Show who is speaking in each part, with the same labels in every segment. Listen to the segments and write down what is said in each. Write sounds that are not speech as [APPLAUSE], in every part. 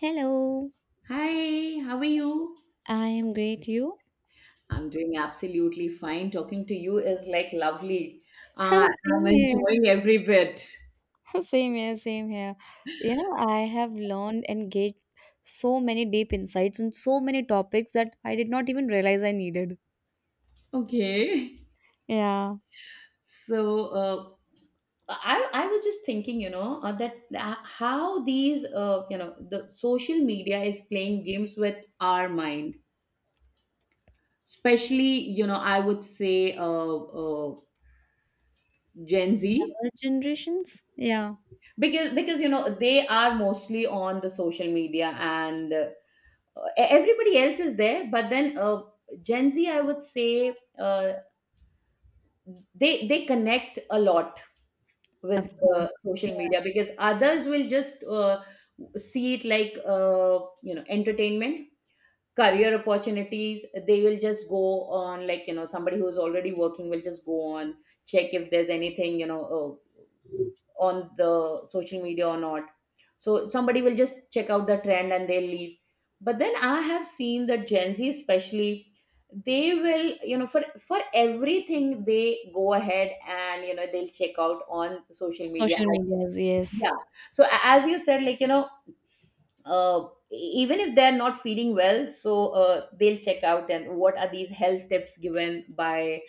Speaker 1: Hello.
Speaker 2: Hi, how are you?
Speaker 1: I am great. You?
Speaker 2: I'm doing absolutely fine. Talking to you is like lovely. Uh,
Speaker 1: [LAUGHS]
Speaker 2: I'm
Speaker 1: Same here.
Speaker 2: enjoying every bit.
Speaker 1: [LAUGHS] Same here, same here. You know, I have learned and gained so many deep insights on so many topics that I did not even realize I needed.
Speaker 2: Okay.
Speaker 1: Yeah.
Speaker 2: So, I was just thinking, you know, that how these, you know, the social media is playing games with our mind, especially, you know, I would say, uh, Gen Z,
Speaker 1: Younger generations? Yeah,
Speaker 2: because you know they are mostly on the social media and everybody else is there but then gen z I would say they connect a lot with
Speaker 1: of course. Yeah.
Speaker 2: social media, because others will just see it like you know entertainment, career opportunities. They will just go on, like you know, somebody who's already working will just go on, check if there's anything, you know, on the social media or not. So somebody will just check out the trend and they'll leave. But then I have seen that Gen Z especially, they will, you know, for everything they go ahead and you know they'll check out on social media.
Speaker 1: Social medias,
Speaker 2: Yeah.
Speaker 1: yes.
Speaker 2: So as you said, like you know, uh, e- even if they're not feeling well, so they'll check out and what are these health tips given by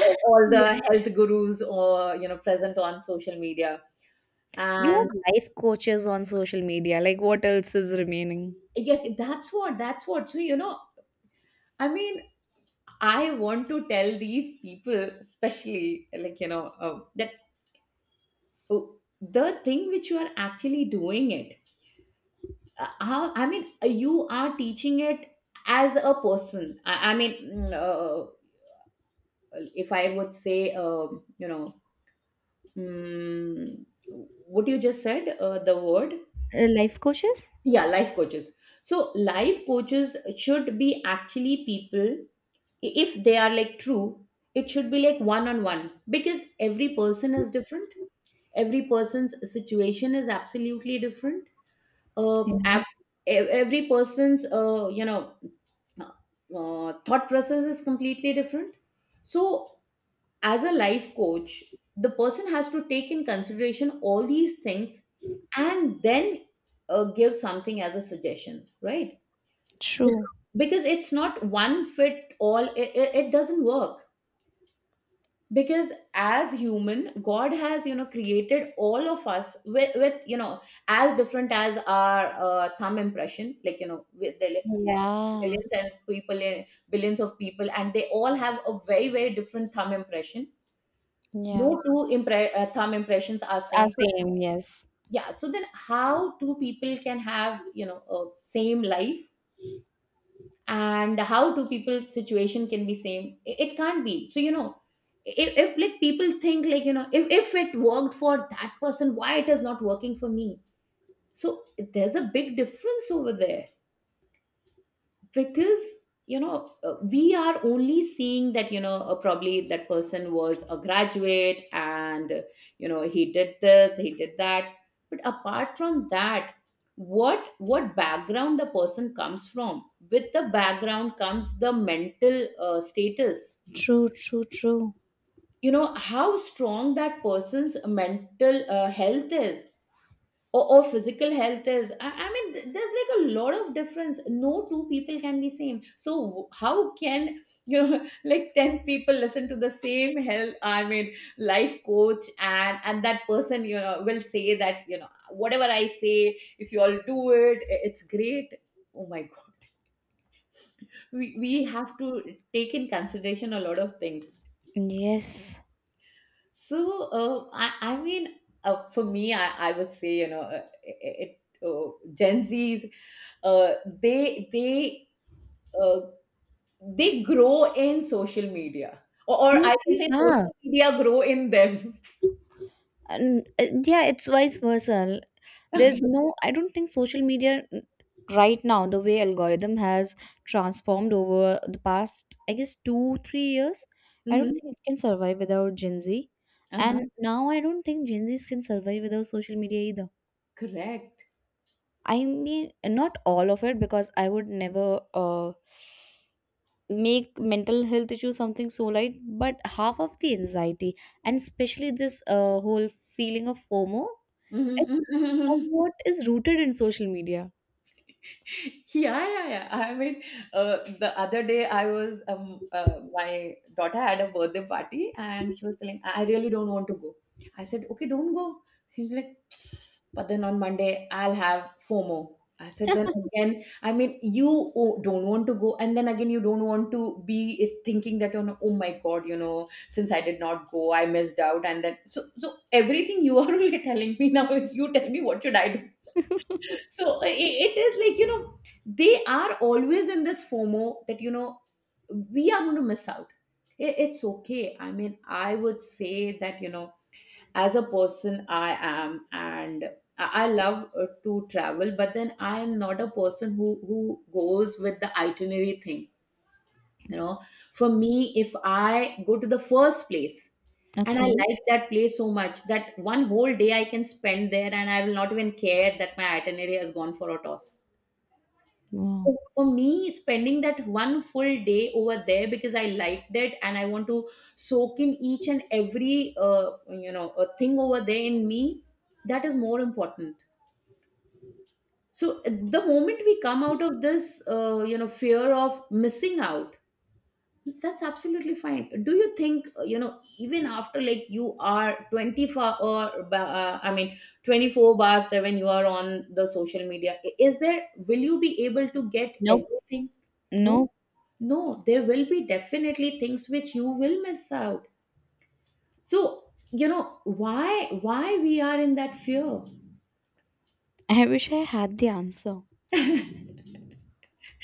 Speaker 2: all
Speaker 1: Yeah.
Speaker 2: the health gurus, or you know, present on social media,
Speaker 1: We
Speaker 2: and
Speaker 1: have life coaches on social media. Like, what else is remaining?
Speaker 2: yeah, that's what. So you know, I mean, I want to tell these people especially, like you know, that, uh, the thing which you are actually doing it, I mean, you are teaching it as a person. I mean, if I would say, you know, mm, what you just said, the word...
Speaker 1: Life coaches?
Speaker 2: yeah, life coaches. So life coaches should be actually people, if they are like true, it should be like one on one, because every person is different, every person's situation is absolutely different. uh
Speaker 1: Yeah.
Speaker 2: ab- every person's uh, thought process is completely different. So as a life coach, the person has to take in consideration all these things and then give something as a suggestion, right? Bec-
Speaker 1: True.
Speaker 2: because it's not one fit all, it doesn't work. Because as human, god has you know created all of us with you know, as different as our thumb impression, like you know, with the
Speaker 1: Yeah.
Speaker 2: billions, and people in billions of people, and they all have a very very different thumb impression. no
Speaker 1: Yeah.
Speaker 2: two impre- uh, thumb impressions are
Speaker 1: Ah,
Speaker 2: same. So
Speaker 1: same, yes.
Speaker 2: yeah, so then how two people can have you know a same life, and how two people's situation can be same? It can't be. So you know, if like people think, like you know, if it worked for that person, why it is not working for me? So there's a big difference over there. Because you know, we are only seeing that you know, probably that person was a graduate and you know he did this, he did that. But apart from that, what background the person comes from. With the background comes the mental status,
Speaker 1: True, true, true.
Speaker 2: you know, how strong that person's mental health is, or physical health is. I mean, there's like a lot of difference. No two people can be same. So how can you know [LAUGHS] like 10 people listen to the same health, I mean, life coach, and that person you know will say that you know whatever I say, if you all do it, it's great. Oh my god. We have to take in consideration a lot of things.
Speaker 1: Yes.
Speaker 2: So I mean, for me, I would say you know it, it gen z's, uh, they uh, they grow in social media, or
Speaker 1: You
Speaker 2: I can
Speaker 1: think,
Speaker 2: say
Speaker 1: huh?
Speaker 2: social media grow in them.
Speaker 1: And, yeah, it's vice versa.
Speaker 2: [LAUGHS] Okay.
Speaker 1: There's no, I don't think social media. Right now, the way algorithm has transformed over the past, I guess, two, 3 years, I don't
Speaker 2: Hmm.
Speaker 1: think it can survive without Gen Z. And
Speaker 2: Uh-huh.
Speaker 1: now I don't think Gen Zs can survive without social media either.
Speaker 2: Correct.
Speaker 1: I mean, not all of it, because I would never make mental health issue something so light, but half of the anxiety and especially this whole feeling of fomo, it
Speaker 2: Hmm.
Speaker 1: somewhat is rooted in social media.
Speaker 2: [LAUGHS] Yeah, yeah, yeah, I mean, uh, the other day I was my daughter had a birthday party and she was telling, I really don't want to go. I said okay, don't go. She's like, but then on monday I'll have fomo. I said, then again, I mean, you don't want to go, and then again you don't want to be it, thinking that you know, oh my god, you know, since I did not go I missed out, and then so everything you are [LAUGHS] only telling me now, you tell me what should I do? So I it is like you know, they are always in this fomo, that you know we are going to miss out. It's okay, I mean I would say that you know, as a person, I am, and I love to travel, but then I am not a person who goes with the itinerary thing, you know. For me, if I go to the first place and I
Speaker 1: Okay.
Speaker 2: like that place so much, that one whole day I can spend there and I will not even care that my itinerary has gone for a toss.
Speaker 1: Wow.
Speaker 2: So for me, spending that one full day over there because I liked it, and I want to soak in each and every you know, a thing over there in me, that is more important. So the moment we come out of this, you know, fear of missing out, that's absolutely fine. Do you think you know, even after like you are 24 or I mean 24/7, you are on the social media? Is there, will you be able to get
Speaker 1: Nope.
Speaker 2: everything? No,
Speaker 1: Nope.
Speaker 2: no, there will be definitely things which you will miss out. So, you know, why we are in that fear?
Speaker 1: I wish I had the answer.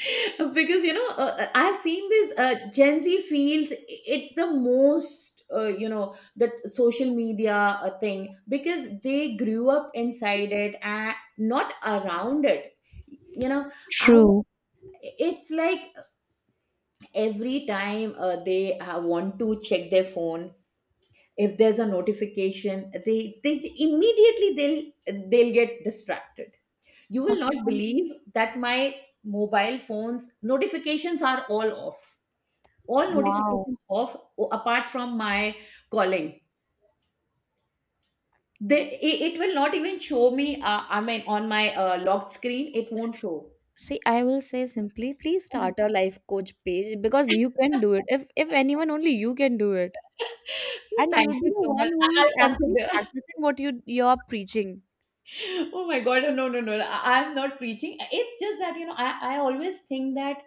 Speaker 2: [LAUGHS] Because you know, I've seen this, Gen Z feels it's the most, you know, that social media thing, because they grew up inside it and not around it. You know, I
Speaker 1: True.
Speaker 2: it's like every time they want to check their phone. If there's a notification, immediately they'll get distracted. You will
Speaker 1: Of
Speaker 2: not
Speaker 1: course.
Speaker 2: believe that my mobile phones notifications are all off. All
Speaker 1: Wow.
Speaker 2: notifications off, apart from my calling. They it will not even show me, I mean on my locked screen, it won't
Speaker 1: S-
Speaker 2: show.
Speaker 1: see, I will say, simply please start
Speaker 2: [LAUGHS]
Speaker 1: a life coach page, because you can do it. If anyone, only you can do it. And
Speaker 2: Thank
Speaker 1: you'd be
Speaker 2: you
Speaker 1: the
Speaker 2: so
Speaker 1: one
Speaker 2: much.
Speaker 1: who's
Speaker 2: I'll
Speaker 1: actually
Speaker 2: consider. [LAUGHS]
Speaker 1: practicing what you're preaching.
Speaker 2: Oh my God. No, no, no. No. I'm not preaching. It's just that, you know, I always think that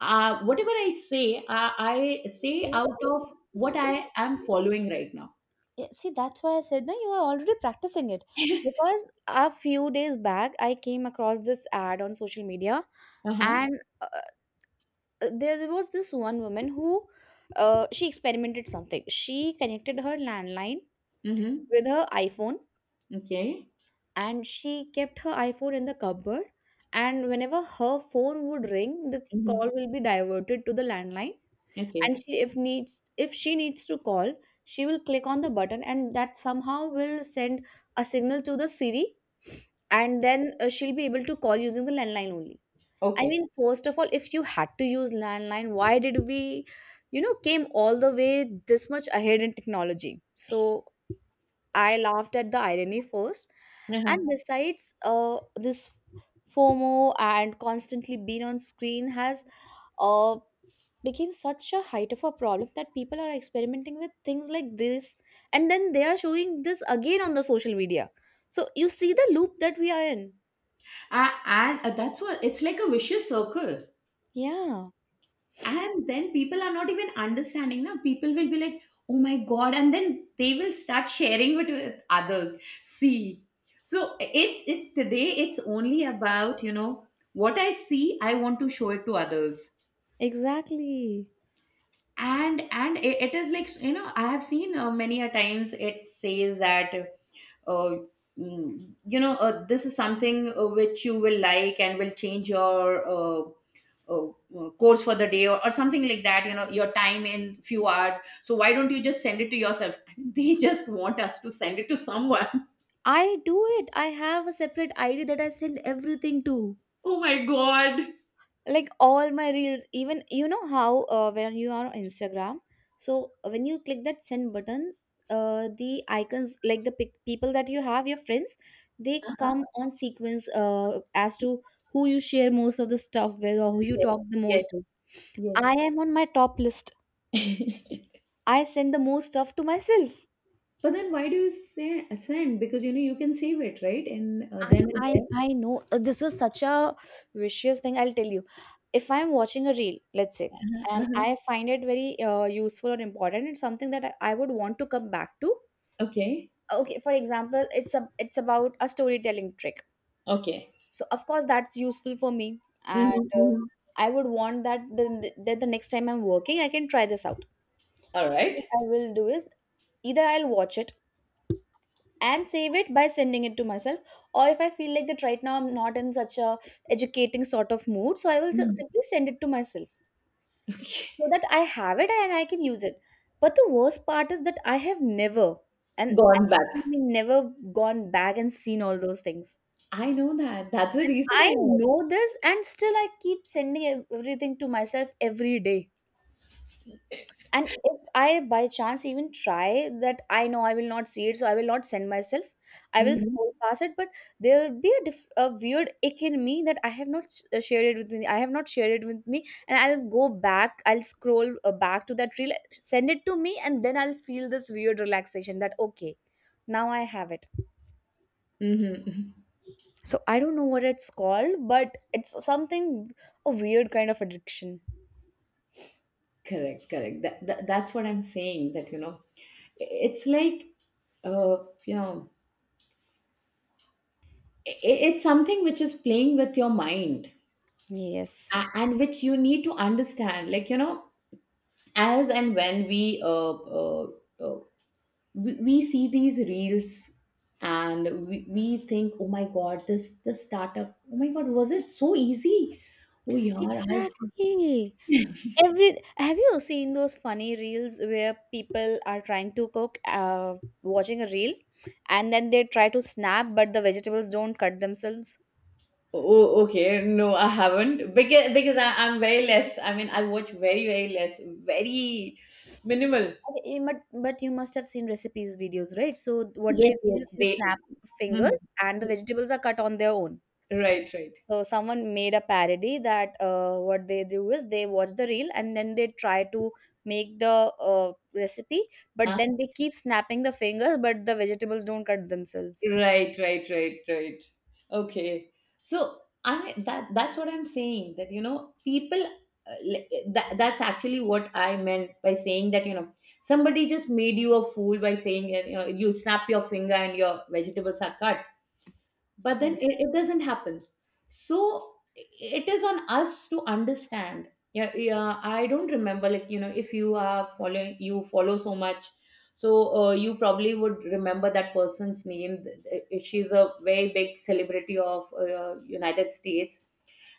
Speaker 2: whatever I say out of what I am following right now.
Speaker 1: Yeah, see, that's why I said, no, you are already practicing it. Because a few days back, I came across this ad on social media,
Speaker 2: Uh huh.
Speaker 1: and there, there was this one woman who she experimented something. She connected her landline
Speaker 2: Mm-hmm.
Speaker 1: with her iPhone,
Speaker 2: Okay.
Speaker 1: and she kept her iPhone in the cupboard. And whenever her phone would ring, the
Speaker 2: Mm-hmm.
Speaker 1: call will be diverted to the landline.
Speaker 2: Okay.
Speaker 1: And she, if needs, if she needs to call, she will click on the button, and that somehow will send a signal to the Siri, and then she'll be able to call using the landline only. I
Speaker 2: Okay.
Speaker 1: mean, first of all, if you had to use landline, why did we, you know, came all the way this much ahead in technology? So I laughed at the irony first. And
Speaker 2: Uh-huh.
Speaker 1: besides this fomo and constantly being on screen has uh, became such a height of a problem that people are experimenting with things like this, and then they are showing this again on the social media. So you see the loop that we are in.
Speaker 2: And that's what, it's like a vicious circle.
Speaker 1: Yeah.
Speaker 2: And then people are not even understanding. Now people will be like, "Oh my god!" And then they will start sharing it with others. See, so it today it's only about you know, what I see, I want to show it to others.
Speaker 1: Exactly.
Speaker 2: And it is like you know, I have seen many a times, it says that uh, you know, this is something which you will like and will change your uh, course for the day, or something like that, you know, your time in few hours. So why don't you just send it to yourself? [LAUGHS] They just want us to send it to someone.
Speaker 1: I do it. I have a separate id that I send everything to.
Speaker 2: [LAUGHS] Oh my god.
Speaker 1: Like, all my reels. Even, you know how when you are on Instagram, so when you click that send buttons, the icons, like the people that you have, your friends, they
Speaker 2: Uh-huh.
Speaker 1: come on sequence, as to who you share most of the stuff with or who you
Speaker 2: Yes,
Speaker 1: talk the
Speaker 2: yes,
Speaker 1: most to. I
Speaker 2: yes.
Speaker 1: am on my top list.
Speaker 2: [LAUGHS]
Speaker 1: I send the most stuff to myself.
Speaker 2: But then why do you say send? Because you know you can save it, right, and
Speaker 1: I
Speaker 2: then and
Speaker 1: I
Speaker 2: there.
Speaker 1: I know, this is such a vicious thing. I'll tell you. If I'm watching a reel, let's say,
Speaker 2: Uh-huh,
Speaker 1: and
Speaker 2: uh-huh.
Speaker 1: I find it very useful or important, it's something that I would want to come back to.
Speaker 2: Okay.
Speaker 1: Okay, for example, it's a it's about a storytelling trick.
Speaker 2: Okay.
Speaker 1: So of course that's useful for me, and
Speaker 2: Mhm, mhm.
Speaker 1: I would want that that the next time I'm working, I can try this out. So what
Speaker 2: Alright.
Speaker 1: I will do is either I'll watch it and save it by sending it to myself, or if I feel like that right now I'm not in such a educating sort of mood, so I will just
Speaker 2: Mm.
Speaker 1: simply send it to myself, so that I have it and I can use it. But the worst part is that I have never, and
Speaker 2: Gone back.
Speaker 1: actually never gone back and seen all those things.
Speaker 2: I know that. That's the
Speaker 1: And
Speaker 2: reason
Speaker 1: I
Speaker 2: I asked.
Speaker 1: know this, and still I keep sending everything to myself every day. And if I by chance even try, that I know I will not see it, so I will not send myself, I will
Speaker 2: Mhm.
Speaker 1: scroll past it. But there will be a, a weird ick in me that I have not shared it with me, I have not shared it with me, and I'll go back, I'll scroll back to that reel, send it to me, and then I'll feel this weird relaxation that okay, now I have it.
Speaker 2: Mhm. [LAUGHS]
Speaker 1: So I don't know what it's called, but it's something, a weird kind of addiction.
Speaker 2: Correct, correct. That that's what I'm saying. That you know, it's like, uh, you know, it's something which is playing with your mind,
Speaker 1: Yes.
Speaker 2: and which you need to understand. Like you know, as and when we uh, uh, we see these reels, and we think, oh my god, this startup, oh my god, was it so easy? Oh yeah. I.
Speaker 1: Exactly. Every, have you seen those funny reels where people are trying to cook, watching a reel, and then they try to snap but the vegetables don't cut themselves?
Speaker 2: Oh, okay. No, I haven't, because I'm very less, I mean, I watch very very less, very minimal.
Speaker 1: Okay, you must, but you must have seen recipes videos, right? So what they
Speaker 2: Yes,
Speaker 1: do
Speaker 2: yes.
Speaker 1: is they
Speaker 2: They.
Speaker 1: snap
Speaker 2: Mhm.
Speaker 1: fingers and the vegetables are cut on their own.
Speaker 2: Right, right.
Speaker 1: So someone made a parody that what they do is they watch the reel and then they try to make the uh, recipe, but then they keep snapping the fingers but the vegetables don't cut themselves.
Speaker 2: Right, right, right, right. Okay. So I mean that that's what I'm saying, that people that that's actually what I meant by saying that you know somebody just made you a fool by saying that you know you snap your finger and your vegetables are cut, but
Speaker 1: Yeah.
Speaker 2: then it doesn't happen, so it is on us to understand. Yeah, yeah. I don't remember, like, you know, if you are following, you follow so much. So you probably would remember that person's name. She's a very big celebrity of United States,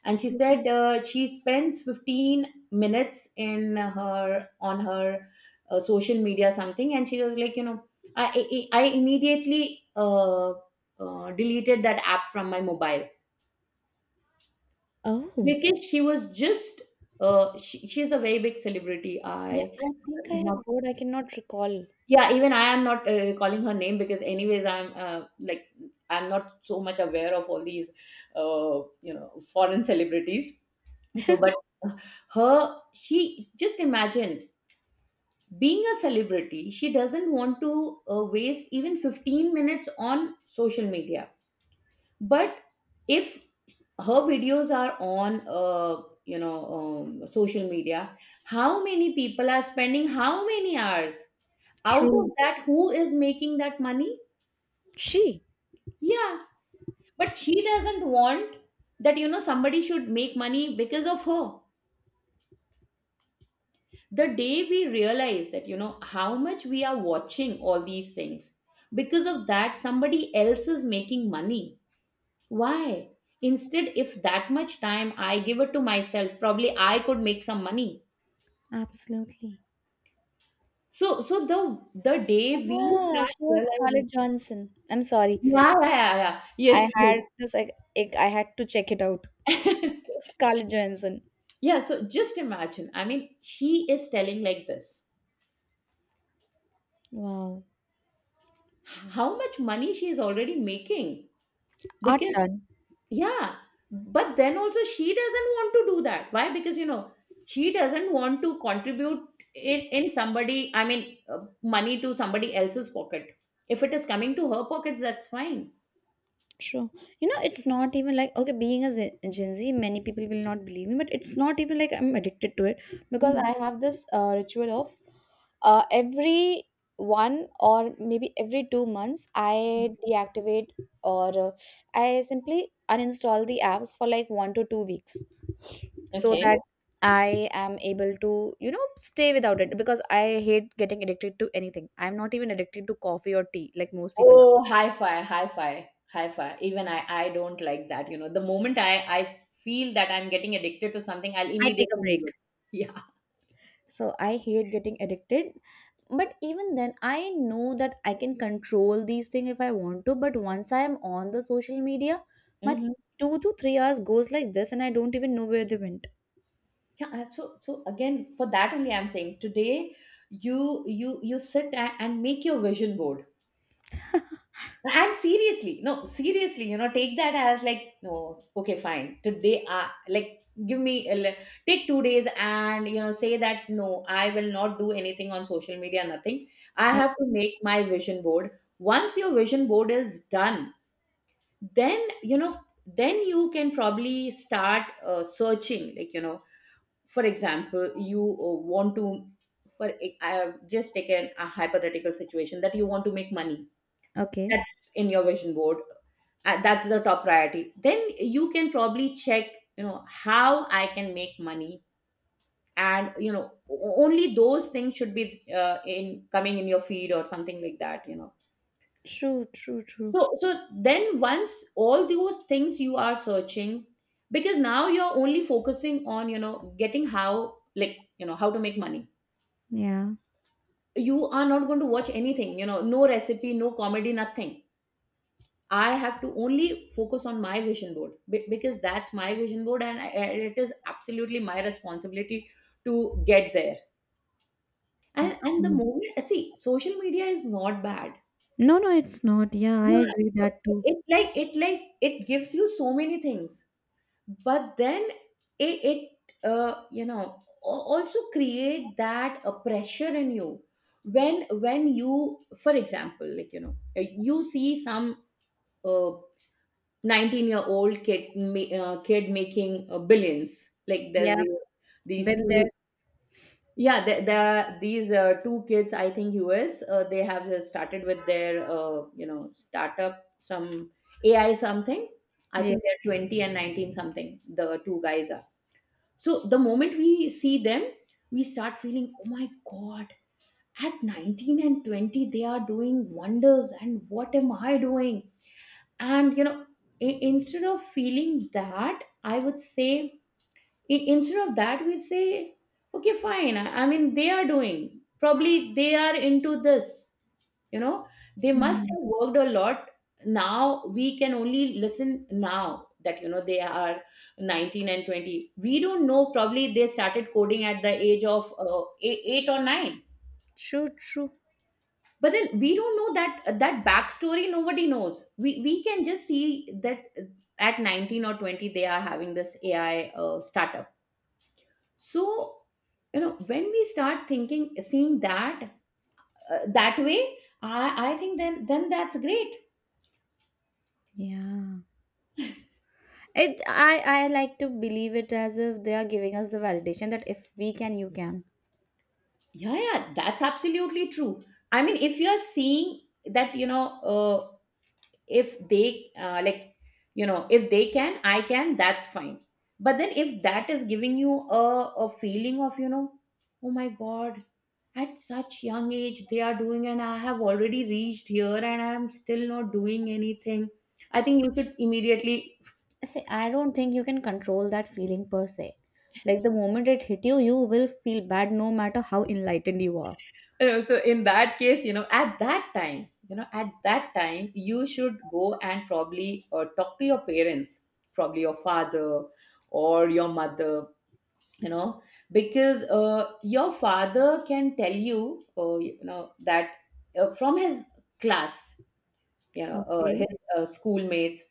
Speaker 2: and she said, she spends 15 minutes in her on her social media something. And she was like, you know, i I immediately deleted that app from my mobile,
Speaker 1: Oh,
Speaker 2: because she was just she's a very big celebrity.
Speaker 1: yeah,
Speaker 2: I-
Speaker 1: I think I have
Speaker 2: not,
Speaker 1: heard. I cannot recall.
Speaker 2: yeah, even I am not recalling her name, because anyways I'm not so much aware of all these uh, foreign celebrities. So, but her she, just imagine, being a celebrity she doesn't want to waste even 15 minutes on social media. But if her videos are on social media, how many people are spending, how many hours? Out
Speaker 1: True.
Speaker 2: of that, who is making that money?
Speaker 1: She?
Speaker 2: Yeah. But she doesn't want that, you know, somebody should make money because of her. The day we realize that, you know, how much we are watching all these things, because of that somebody else is making money, why? Instead, if that much time I give it to myself, probably I could make some money.
Speaker 1: Absolutely.
Speaker 2: So the day we
Speaker 1: Ah,
Speaker 2: start
Speaker 1: she was
Speaker 2: realizing.
Speaker 1: Scarlett Johansson. I'm sorry.
Speaker 2: Yeah, yeah, yeah.
Speaker 1: I
Speaker 2: Yes,
Speaker 1: had this, like, I had to check it out.
Speaker 2: yes. [LAUGHS]
Speaker 1: Scarlett Johansson.
Speaker 2: Yeah, so just imagine, I mean, she is telling like this,
Speaker 1: Wow.
Speaker 2: how much money she is already making,
Speaker 1: Art
Speaker 2: because...
Speaker 1: done.
Speaker 2: Yeah, but then also she doesn't want to do that. Why? Because she doesn't want to contribute in somebody, I mean, money to somebody else's pocket. If it is coming to her pockets, that's fine.
Speaker 1: True. You know, it's not even like okay, being a Gen Z, many people will not believe me, but it's not even like I'm addicted to it, because
Speaker 2: Mhm.
Speaker 1: I have this ritual of every one or maybe every 2 months I deactivate, or I simply uninstall the apps for like 1 to 2 weeks, so
Speaker 2: Okay.
Speaker 1: that I am able to, you know, stay without it, because I hate getting addicted to anything. I'm not even addicted to coffee or tea like most people are.
Speaker 2: Oh, hi-fi, hi-fi, hi-fi. Even I don't like that. You know, the moment I feel that I'm getting addicted to something, I'll
Speaker 1: I take
Speaker 2: immediately
Speaker 1: a
Speaker 2: leave
Speaker 1: break.
Speaker 2: it. [LAUGHS] Yeah.
Speaker 1: So I hate getting addicted. But even then I know that I can control these things if I want to, but once I am on the social media, my
Speaker 2: Hmm.
Speaker 1: 2 to 3 hours goes like this and I don't even know where they went.
Speaker 2: Yeah. So again, for that only, I'm saying, today you sit and make your vision board. And seriously, no, seriously, you know, take that as like, no, okay, fine. Today, like, give me, take 2 days and, you know, say that, no, I will not do anything on social media, nothing. I have to
Speaker 1: Okay.
Speaker 2: make my vision board. Once your vision board is done, then, you know, then you can probably start searching. Like, you know, for example, you want to, for, I have just taken a hypothetical situation that you want to make money,
Speaker 1: Okay.
Speaker 2: that's in your vision board, that's the top priority. Then you can probably check, you know, how I can make money. And you know, only those things should be in coming in your feed or something like that, you know.
Speaker 1: True, true, true.
Speaker 2: So so then once all those things you are searching, because now you're only focusing on, you know, getting how, like, you know, how to make money.
Speaker 1: Yeah.
Speaker 2: You are not going to watch anything, you know, no recipe, no comedy, nothing. I have to only focus on my vision board, because that's my vision board, and and it is absolutely my responsibility to get there. And
Speaker 1: Of
Speaker 2: and the
Speaker 1: course.
Speaker 2: moment, see, social media is not bad.
Speaker 1: No, no, it's not, yeah, I
Speaker 2: Yeah.
Speaker 1: agree
Speaker 2: So
Speaker 1: that
Speaker 2: it
Speaker 1: too.
Speaker 2: it like it like it gives you so many things, but then it uh, you know also create that pressure in you, when you for example, like, you know, you see some uh, 19-year-old kid making billions. Like, there's
Speaker 1: Yeah,
Speaker 2: these
Speaker 1: been
Speaker 2: two,
Speaker 1: there.
Speaker 2: yeah, these two kids, I think US, they have started with their startup, some AI something. I think they're
Speaker 1: Yes.
Speaker 2: 20 and 19 something, the two guys are. So the moment we see them, we start feeling, oh my god, at 19 and 20 they are doing wonders, and what am I doing? And you know, instead of feeling that, I would say, instead of that, we say, okay, fine, I mean they are doing, probably they are into this, you know, they must
Speaker 1: Yeah.
Speaker 2: have worked a lot. Now we can only listen now, that, you know, they are 19 and 20. We don't know, probably they started coding at the age of 8 or 9.
Speaker 1: True, true.
Speaker 2: But then we don't know that backstory, nobody knows. We can just see that at 19 or 20 they are having this AI startup. So, you know, when we start thinking, seeing that that way, I think then that's great.
Speaker 1: Yeah. It, I like to believe it as if they are giving us the validation that if we can, you can.
Speaker 2: Yeah, yeah, that's absolutely true. I mean, if you're seeing that, you know, uh, if they like, you know, if they can, I can, that's fine. But then if that is giving you a feeling of, you know, oh my god, at such young age they are doing, and I have already reached here and I'm still not doing anything, I think you should immediately...
Speaker 1: See, I don't think you can control that feeling per se. Like the moment it hit you, you will feel bad no matter how enlightened you are.
Speaker 2: [LAUGHS] You know, so in that case, you know, at that time you should go and probably talk to your parents, probably your father or your mother, you know, because your father can tell you you know that from his class, you know,
Speaker 1: Okay.
Speaker 2: his schoolmates,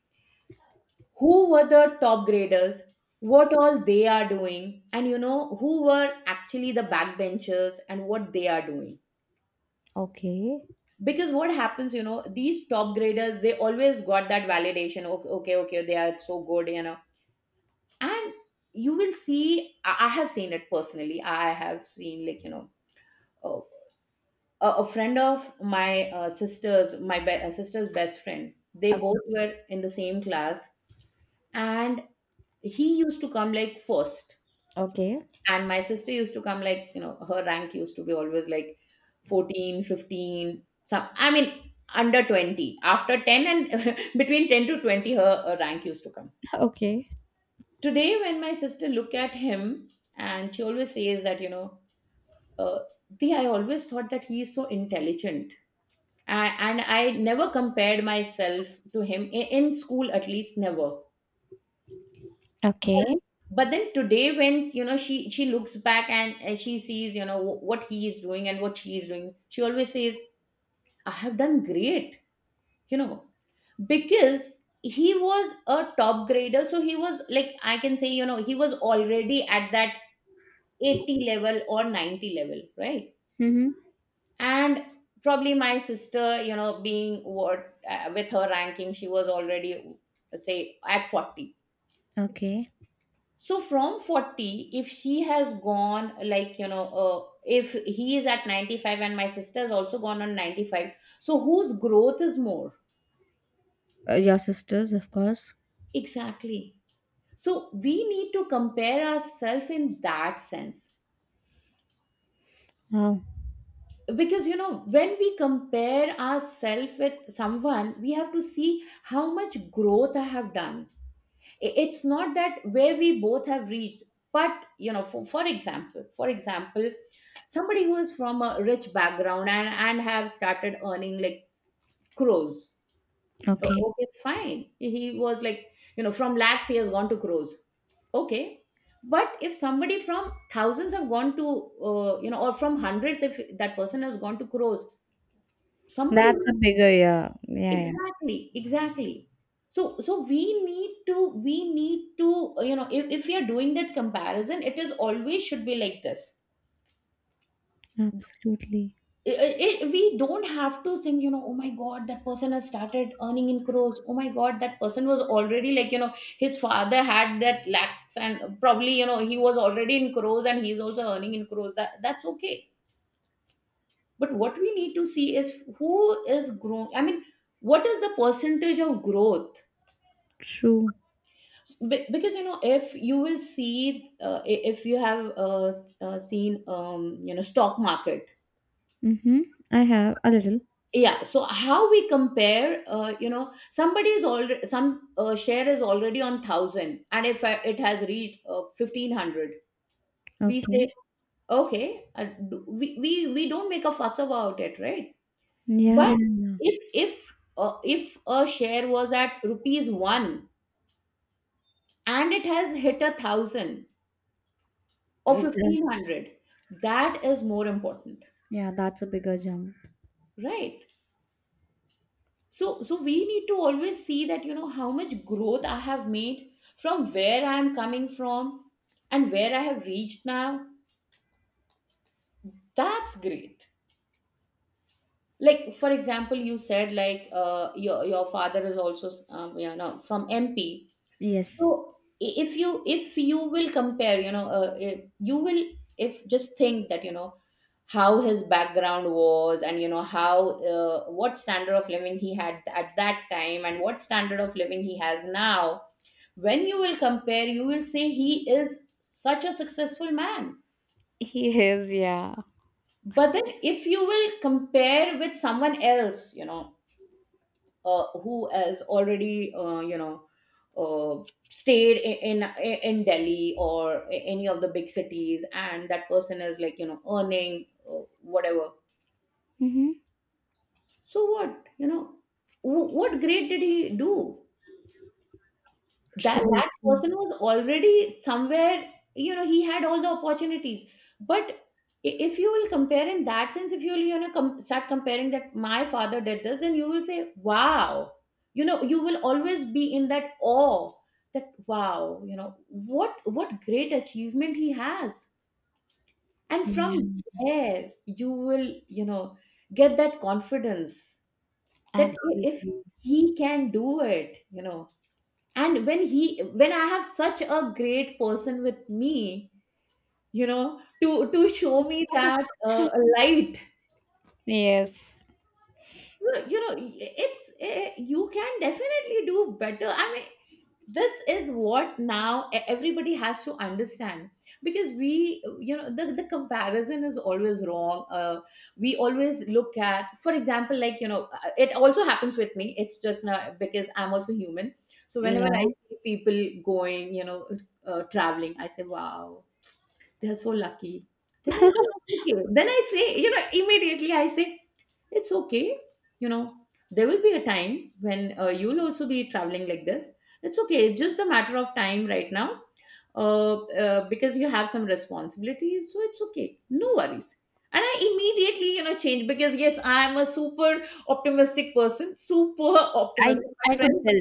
Speaker 2: who were the top graders, what all they are doing, and you know, who were actually the backbenchers and what they are doing.
Speaker 1: Okay.
Speaker 2: Because what happens, you know, these top graders, they always got that validation, okay, okay, okay, they are so good, you know. And you will see, I have seen it personally. I have seen, like, you know, uh, a friend of my sister's, my sister's best friend. They
Speaker 1: Uh,
Speaker 2: both were in the same class, and he used to come like first,
Speaker 1: okay.
Speaker 2: and my sister used to come like, you know, her rank used to be always like 14, 15, some, I mean, under 20, after 10, and [LAUGHS] between 10 to 20 her rank used to come.
Speaker 1: Okay.
Speaker 2: Today when my sister look at him, and she always says that, you know, uh, the I always thought that he is so intelligent. And I never compared myself to him, in school, at least, never. but,
Speaker 1: Okay.
Speaker 2: but then today when, you know, she looks back, and, she sees, you know, what he is doing and what she is doing, she always says, I have done great, you know, because he was a top grader. So he was like, I can say, you know, he was already at that 80 level or 90 level, right?
Speaker 1: Mm-hmm.
Speaker 2: And probably my sister, you know, being what, with her ranking, she was already, say, at 40.
Speaker 1: Okay.
Speaker 2: So from 40, if she has gone like, you know, if he is at 95 and my sister has also gone on 95, so whose growth is more?
Speaker 1: Your sisters, of course.
Speaker 2: Exactly. So we need to compare ourselves in that sense,
Speaker 1: Oh.
Speaker 2: because, you know, when we compare ourselves with someone, we have to see how much growth I have done. It's not that where we both have reached, but, you know, for example, somebody who is from a rich background and have started earning like crores.
Speaker 1: Okay.
Speaker 2: Okay, fine, he was like, you know, from lakhs he has gone to crores, okay. But if somebody from thousands have gone to or from hundreds, if that person has gone to crores, somebody...
Speaker 1: That's a bigger, yeah. Yeah, yeah.
Speaker 2: Exactly, exactly. So we need to if we are doing that comparison, it is always should be like this.
Speaker 1: Absolutely.
Speaker 2: We don't have to think, you know, oh my god, that person has started earning in crores, oh my god, that person was already like, you know, his father had that lakhs, and probably, you know, he was already in crores, and he's also earning in crores, that's okay. But what we need to see is who is growing, I mean, what is the percentage of growth.
Speaker 1: True.
Speaker 2: Because, you know, if you will see if you have seen stock market.
Speaker 1: Mm-hmm. I have a little.
Speaker 2: Yeah, so how we compare, you know, somebody is already, some share is already on 1,000, and if I, it has reached 1,500, we
Speaker 1: Okay.
Speaker 2: say, okay, we don't make a fuss about it, right?
Speaker 1: Yeah,
Speaker 2: But
Speaker 1: yeah, yeah.
Speaker 2: if a share was at rupees 1, and it has hit a 1,000 or
Speaker 1: That-
Speaker 2: 1,500, that is more important,
Speaker 1: yeah, that's a bigger jump.
Speaker 2: right? So we need to always see that, you know, how much growth I have made, from where I am coming from, and where I have reached now, that's great. Like, for example, you said like, your father is also from MP.
Speaker 1: Yes.
Speaker 2: So if you will compare, you know, if just think that, you know, how his background was, and you know how, what standard of living he had at that time, and what standard of living he has now, when you will compare, you will say he is such a successful man.
Speaker 1: [LAUGHS] He is, yeah.
Speaker 2: But then if you will compare with someone else, who has already, uh, stayed in Delhi or any of the big cities, and that person is like, earning, whatever.
Speaker 1: Mm-hmm.
Speaker 2: So what? What great did he do? that
Speaker 1: True,
Speaker 2: that
Speaker 1: true.
Speaker 2: person was already somewhere. He had all the opportunities, but if you will compare in that sense, if you will, start comparing that my father did this, then you will say wow. You will always be in that awe, that wow, what great achievement he has, and from
Speaker 1: Yeah,
Speaker 2: there you will, get that confidence. That if
Speaker 1: absolutely.
Speaker 2: he can do it, and when I have such a great person with me, to show me that light.
Speaker 1: Yes.
Speaker 2: You can definitely do better. I mean, this is what now everybody has to understand, because we the comparison is always wrong. We always look at, for example, like, it also happens with me, it's just not because I'm also human. So whenever I
Speaker 1: Yeah.
Speaker 2: see people going, traveling, I say wow, they're so lucky. Then I
Speaker 1: [LAUGHS]
Speaker 2: say okay, then I say, immediately I say it's okay. You know, there will be a time when you'll also be traveling like this. It's okay. It's just a matter of time right now, because you have some responsibilities. So it's okay. No worries. And I immediately, change, because yes, I am a super optimistic person, super
Speaker 1: I
Speaker 2: optimistic. My
Speaker 1: I could
Speaker 2: friends,
Speaker 1: tell.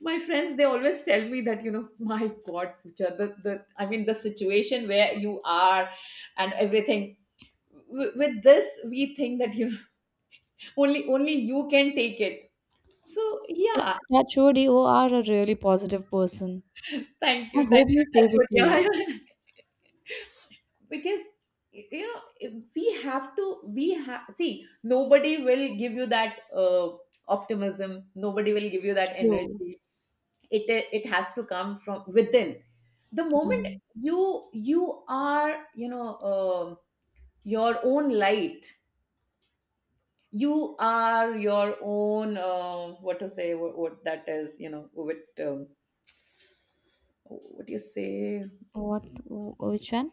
Speaker 2: my friends, they always tell me that, [LAUGHS] my God, Pooja, I mean, the situation where you are and everything. With this, we think that you, only, only you can take it. So yeah,
Speaker 1: Touch wood, you are a really positive person.
Speaker 2: thank
Speaker 1: I
Speaker 2: you, thank
Speaker 1: hope
Speaker 2: you.
Speaker 1: you stay
Speaker 2: Touch wood.
Speaker 1: this way.
Speaker 2: Yeah. [LAUGHS] Because if we have to, we have, see, nobody will give you that optimism. Nobody will give you that
Speaker 1: True.
Speaker 2: energy. It has to come from within. The moment
Speaker 1: Mm.
Speaker 2: you are, your own light. You are your own, what to say, what that is, you know what, um, what do you say?
Speaker 1: What? Which one?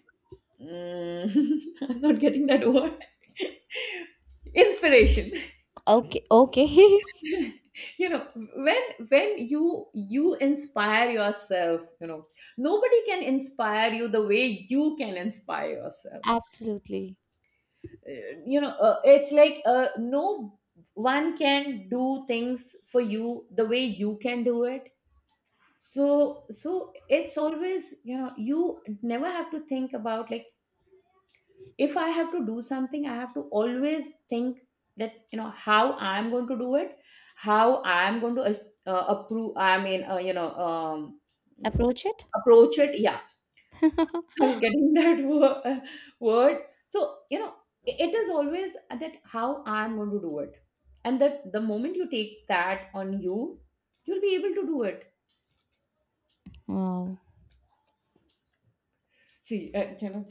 Speaker 2: [LAUGHS] I'm not getting that word. [LAUGHS] Inspiration. [LAUGHS]
Speaker 1: Okay. Okay.
Speaker 2: You know, when when you you inspire yourself, nobody can inspire you the way you can inspire
Speaker 1: [LAUGHS]
Speaker 2: yourself.
Speaker 1: Absolutely.
Speaker 2: It's like no one can do things for you the way you can do it. So it's always, you never have to think about, like, if I have to do something, I have to always think that how I am going to do it. How I am going to approve, I mean,
Speaker 1: Approach it.
Speaker 2: approach it, yeah.
Speaker 1: [LAUGHS]
Speaker 2: [LAUGHS] I was getting [LAUGHS] that word. So, it is always that how I'm going to do it. And that, the moment you take that on you, you'll be able to do it.
Speaker 1: Wow.
Speaker 2: See,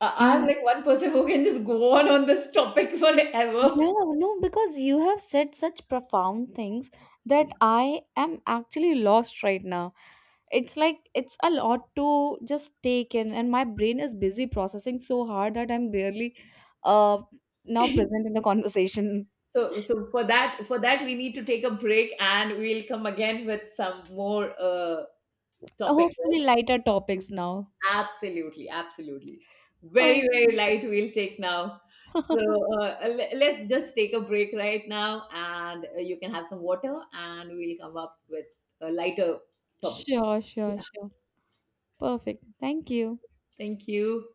Speaker 2: I'm
Speaker 1: Yeah.
Speaker 2: like one person who can just go on this topic forever.
Speaker 1: Yeah, no, because you have said such profound things that I am actually lost right now. It's like, it's a lot to just take in and my brain is busy processing so hard that I'm barely, uh, now
Speaker 2: [LAUGHS]
Speaker 1: present in the [LAUGHS] conversation.
Speaker 2: So, for that, we need to take a break, and we'll come again with some more topic,
Speaker 1: Hopefully
Speaker 2: right?
Speaker 1: lighter topics now.
Speaker 2: Absolutely, absolutely. Very,
Speaker 1: Oh.
Speaker 2: very light. We'll take now. So,
Speaker 1: [LAUGHS]
Speaker 2: let's just take a break right now, and you can have some water, and we'll come up with a lighter topic.
Speaker 1: Sure,
Speaker 2: Yeah.
Speaker 1: sure, sure. Perfect, thank you.
Speaker 2: Thank you.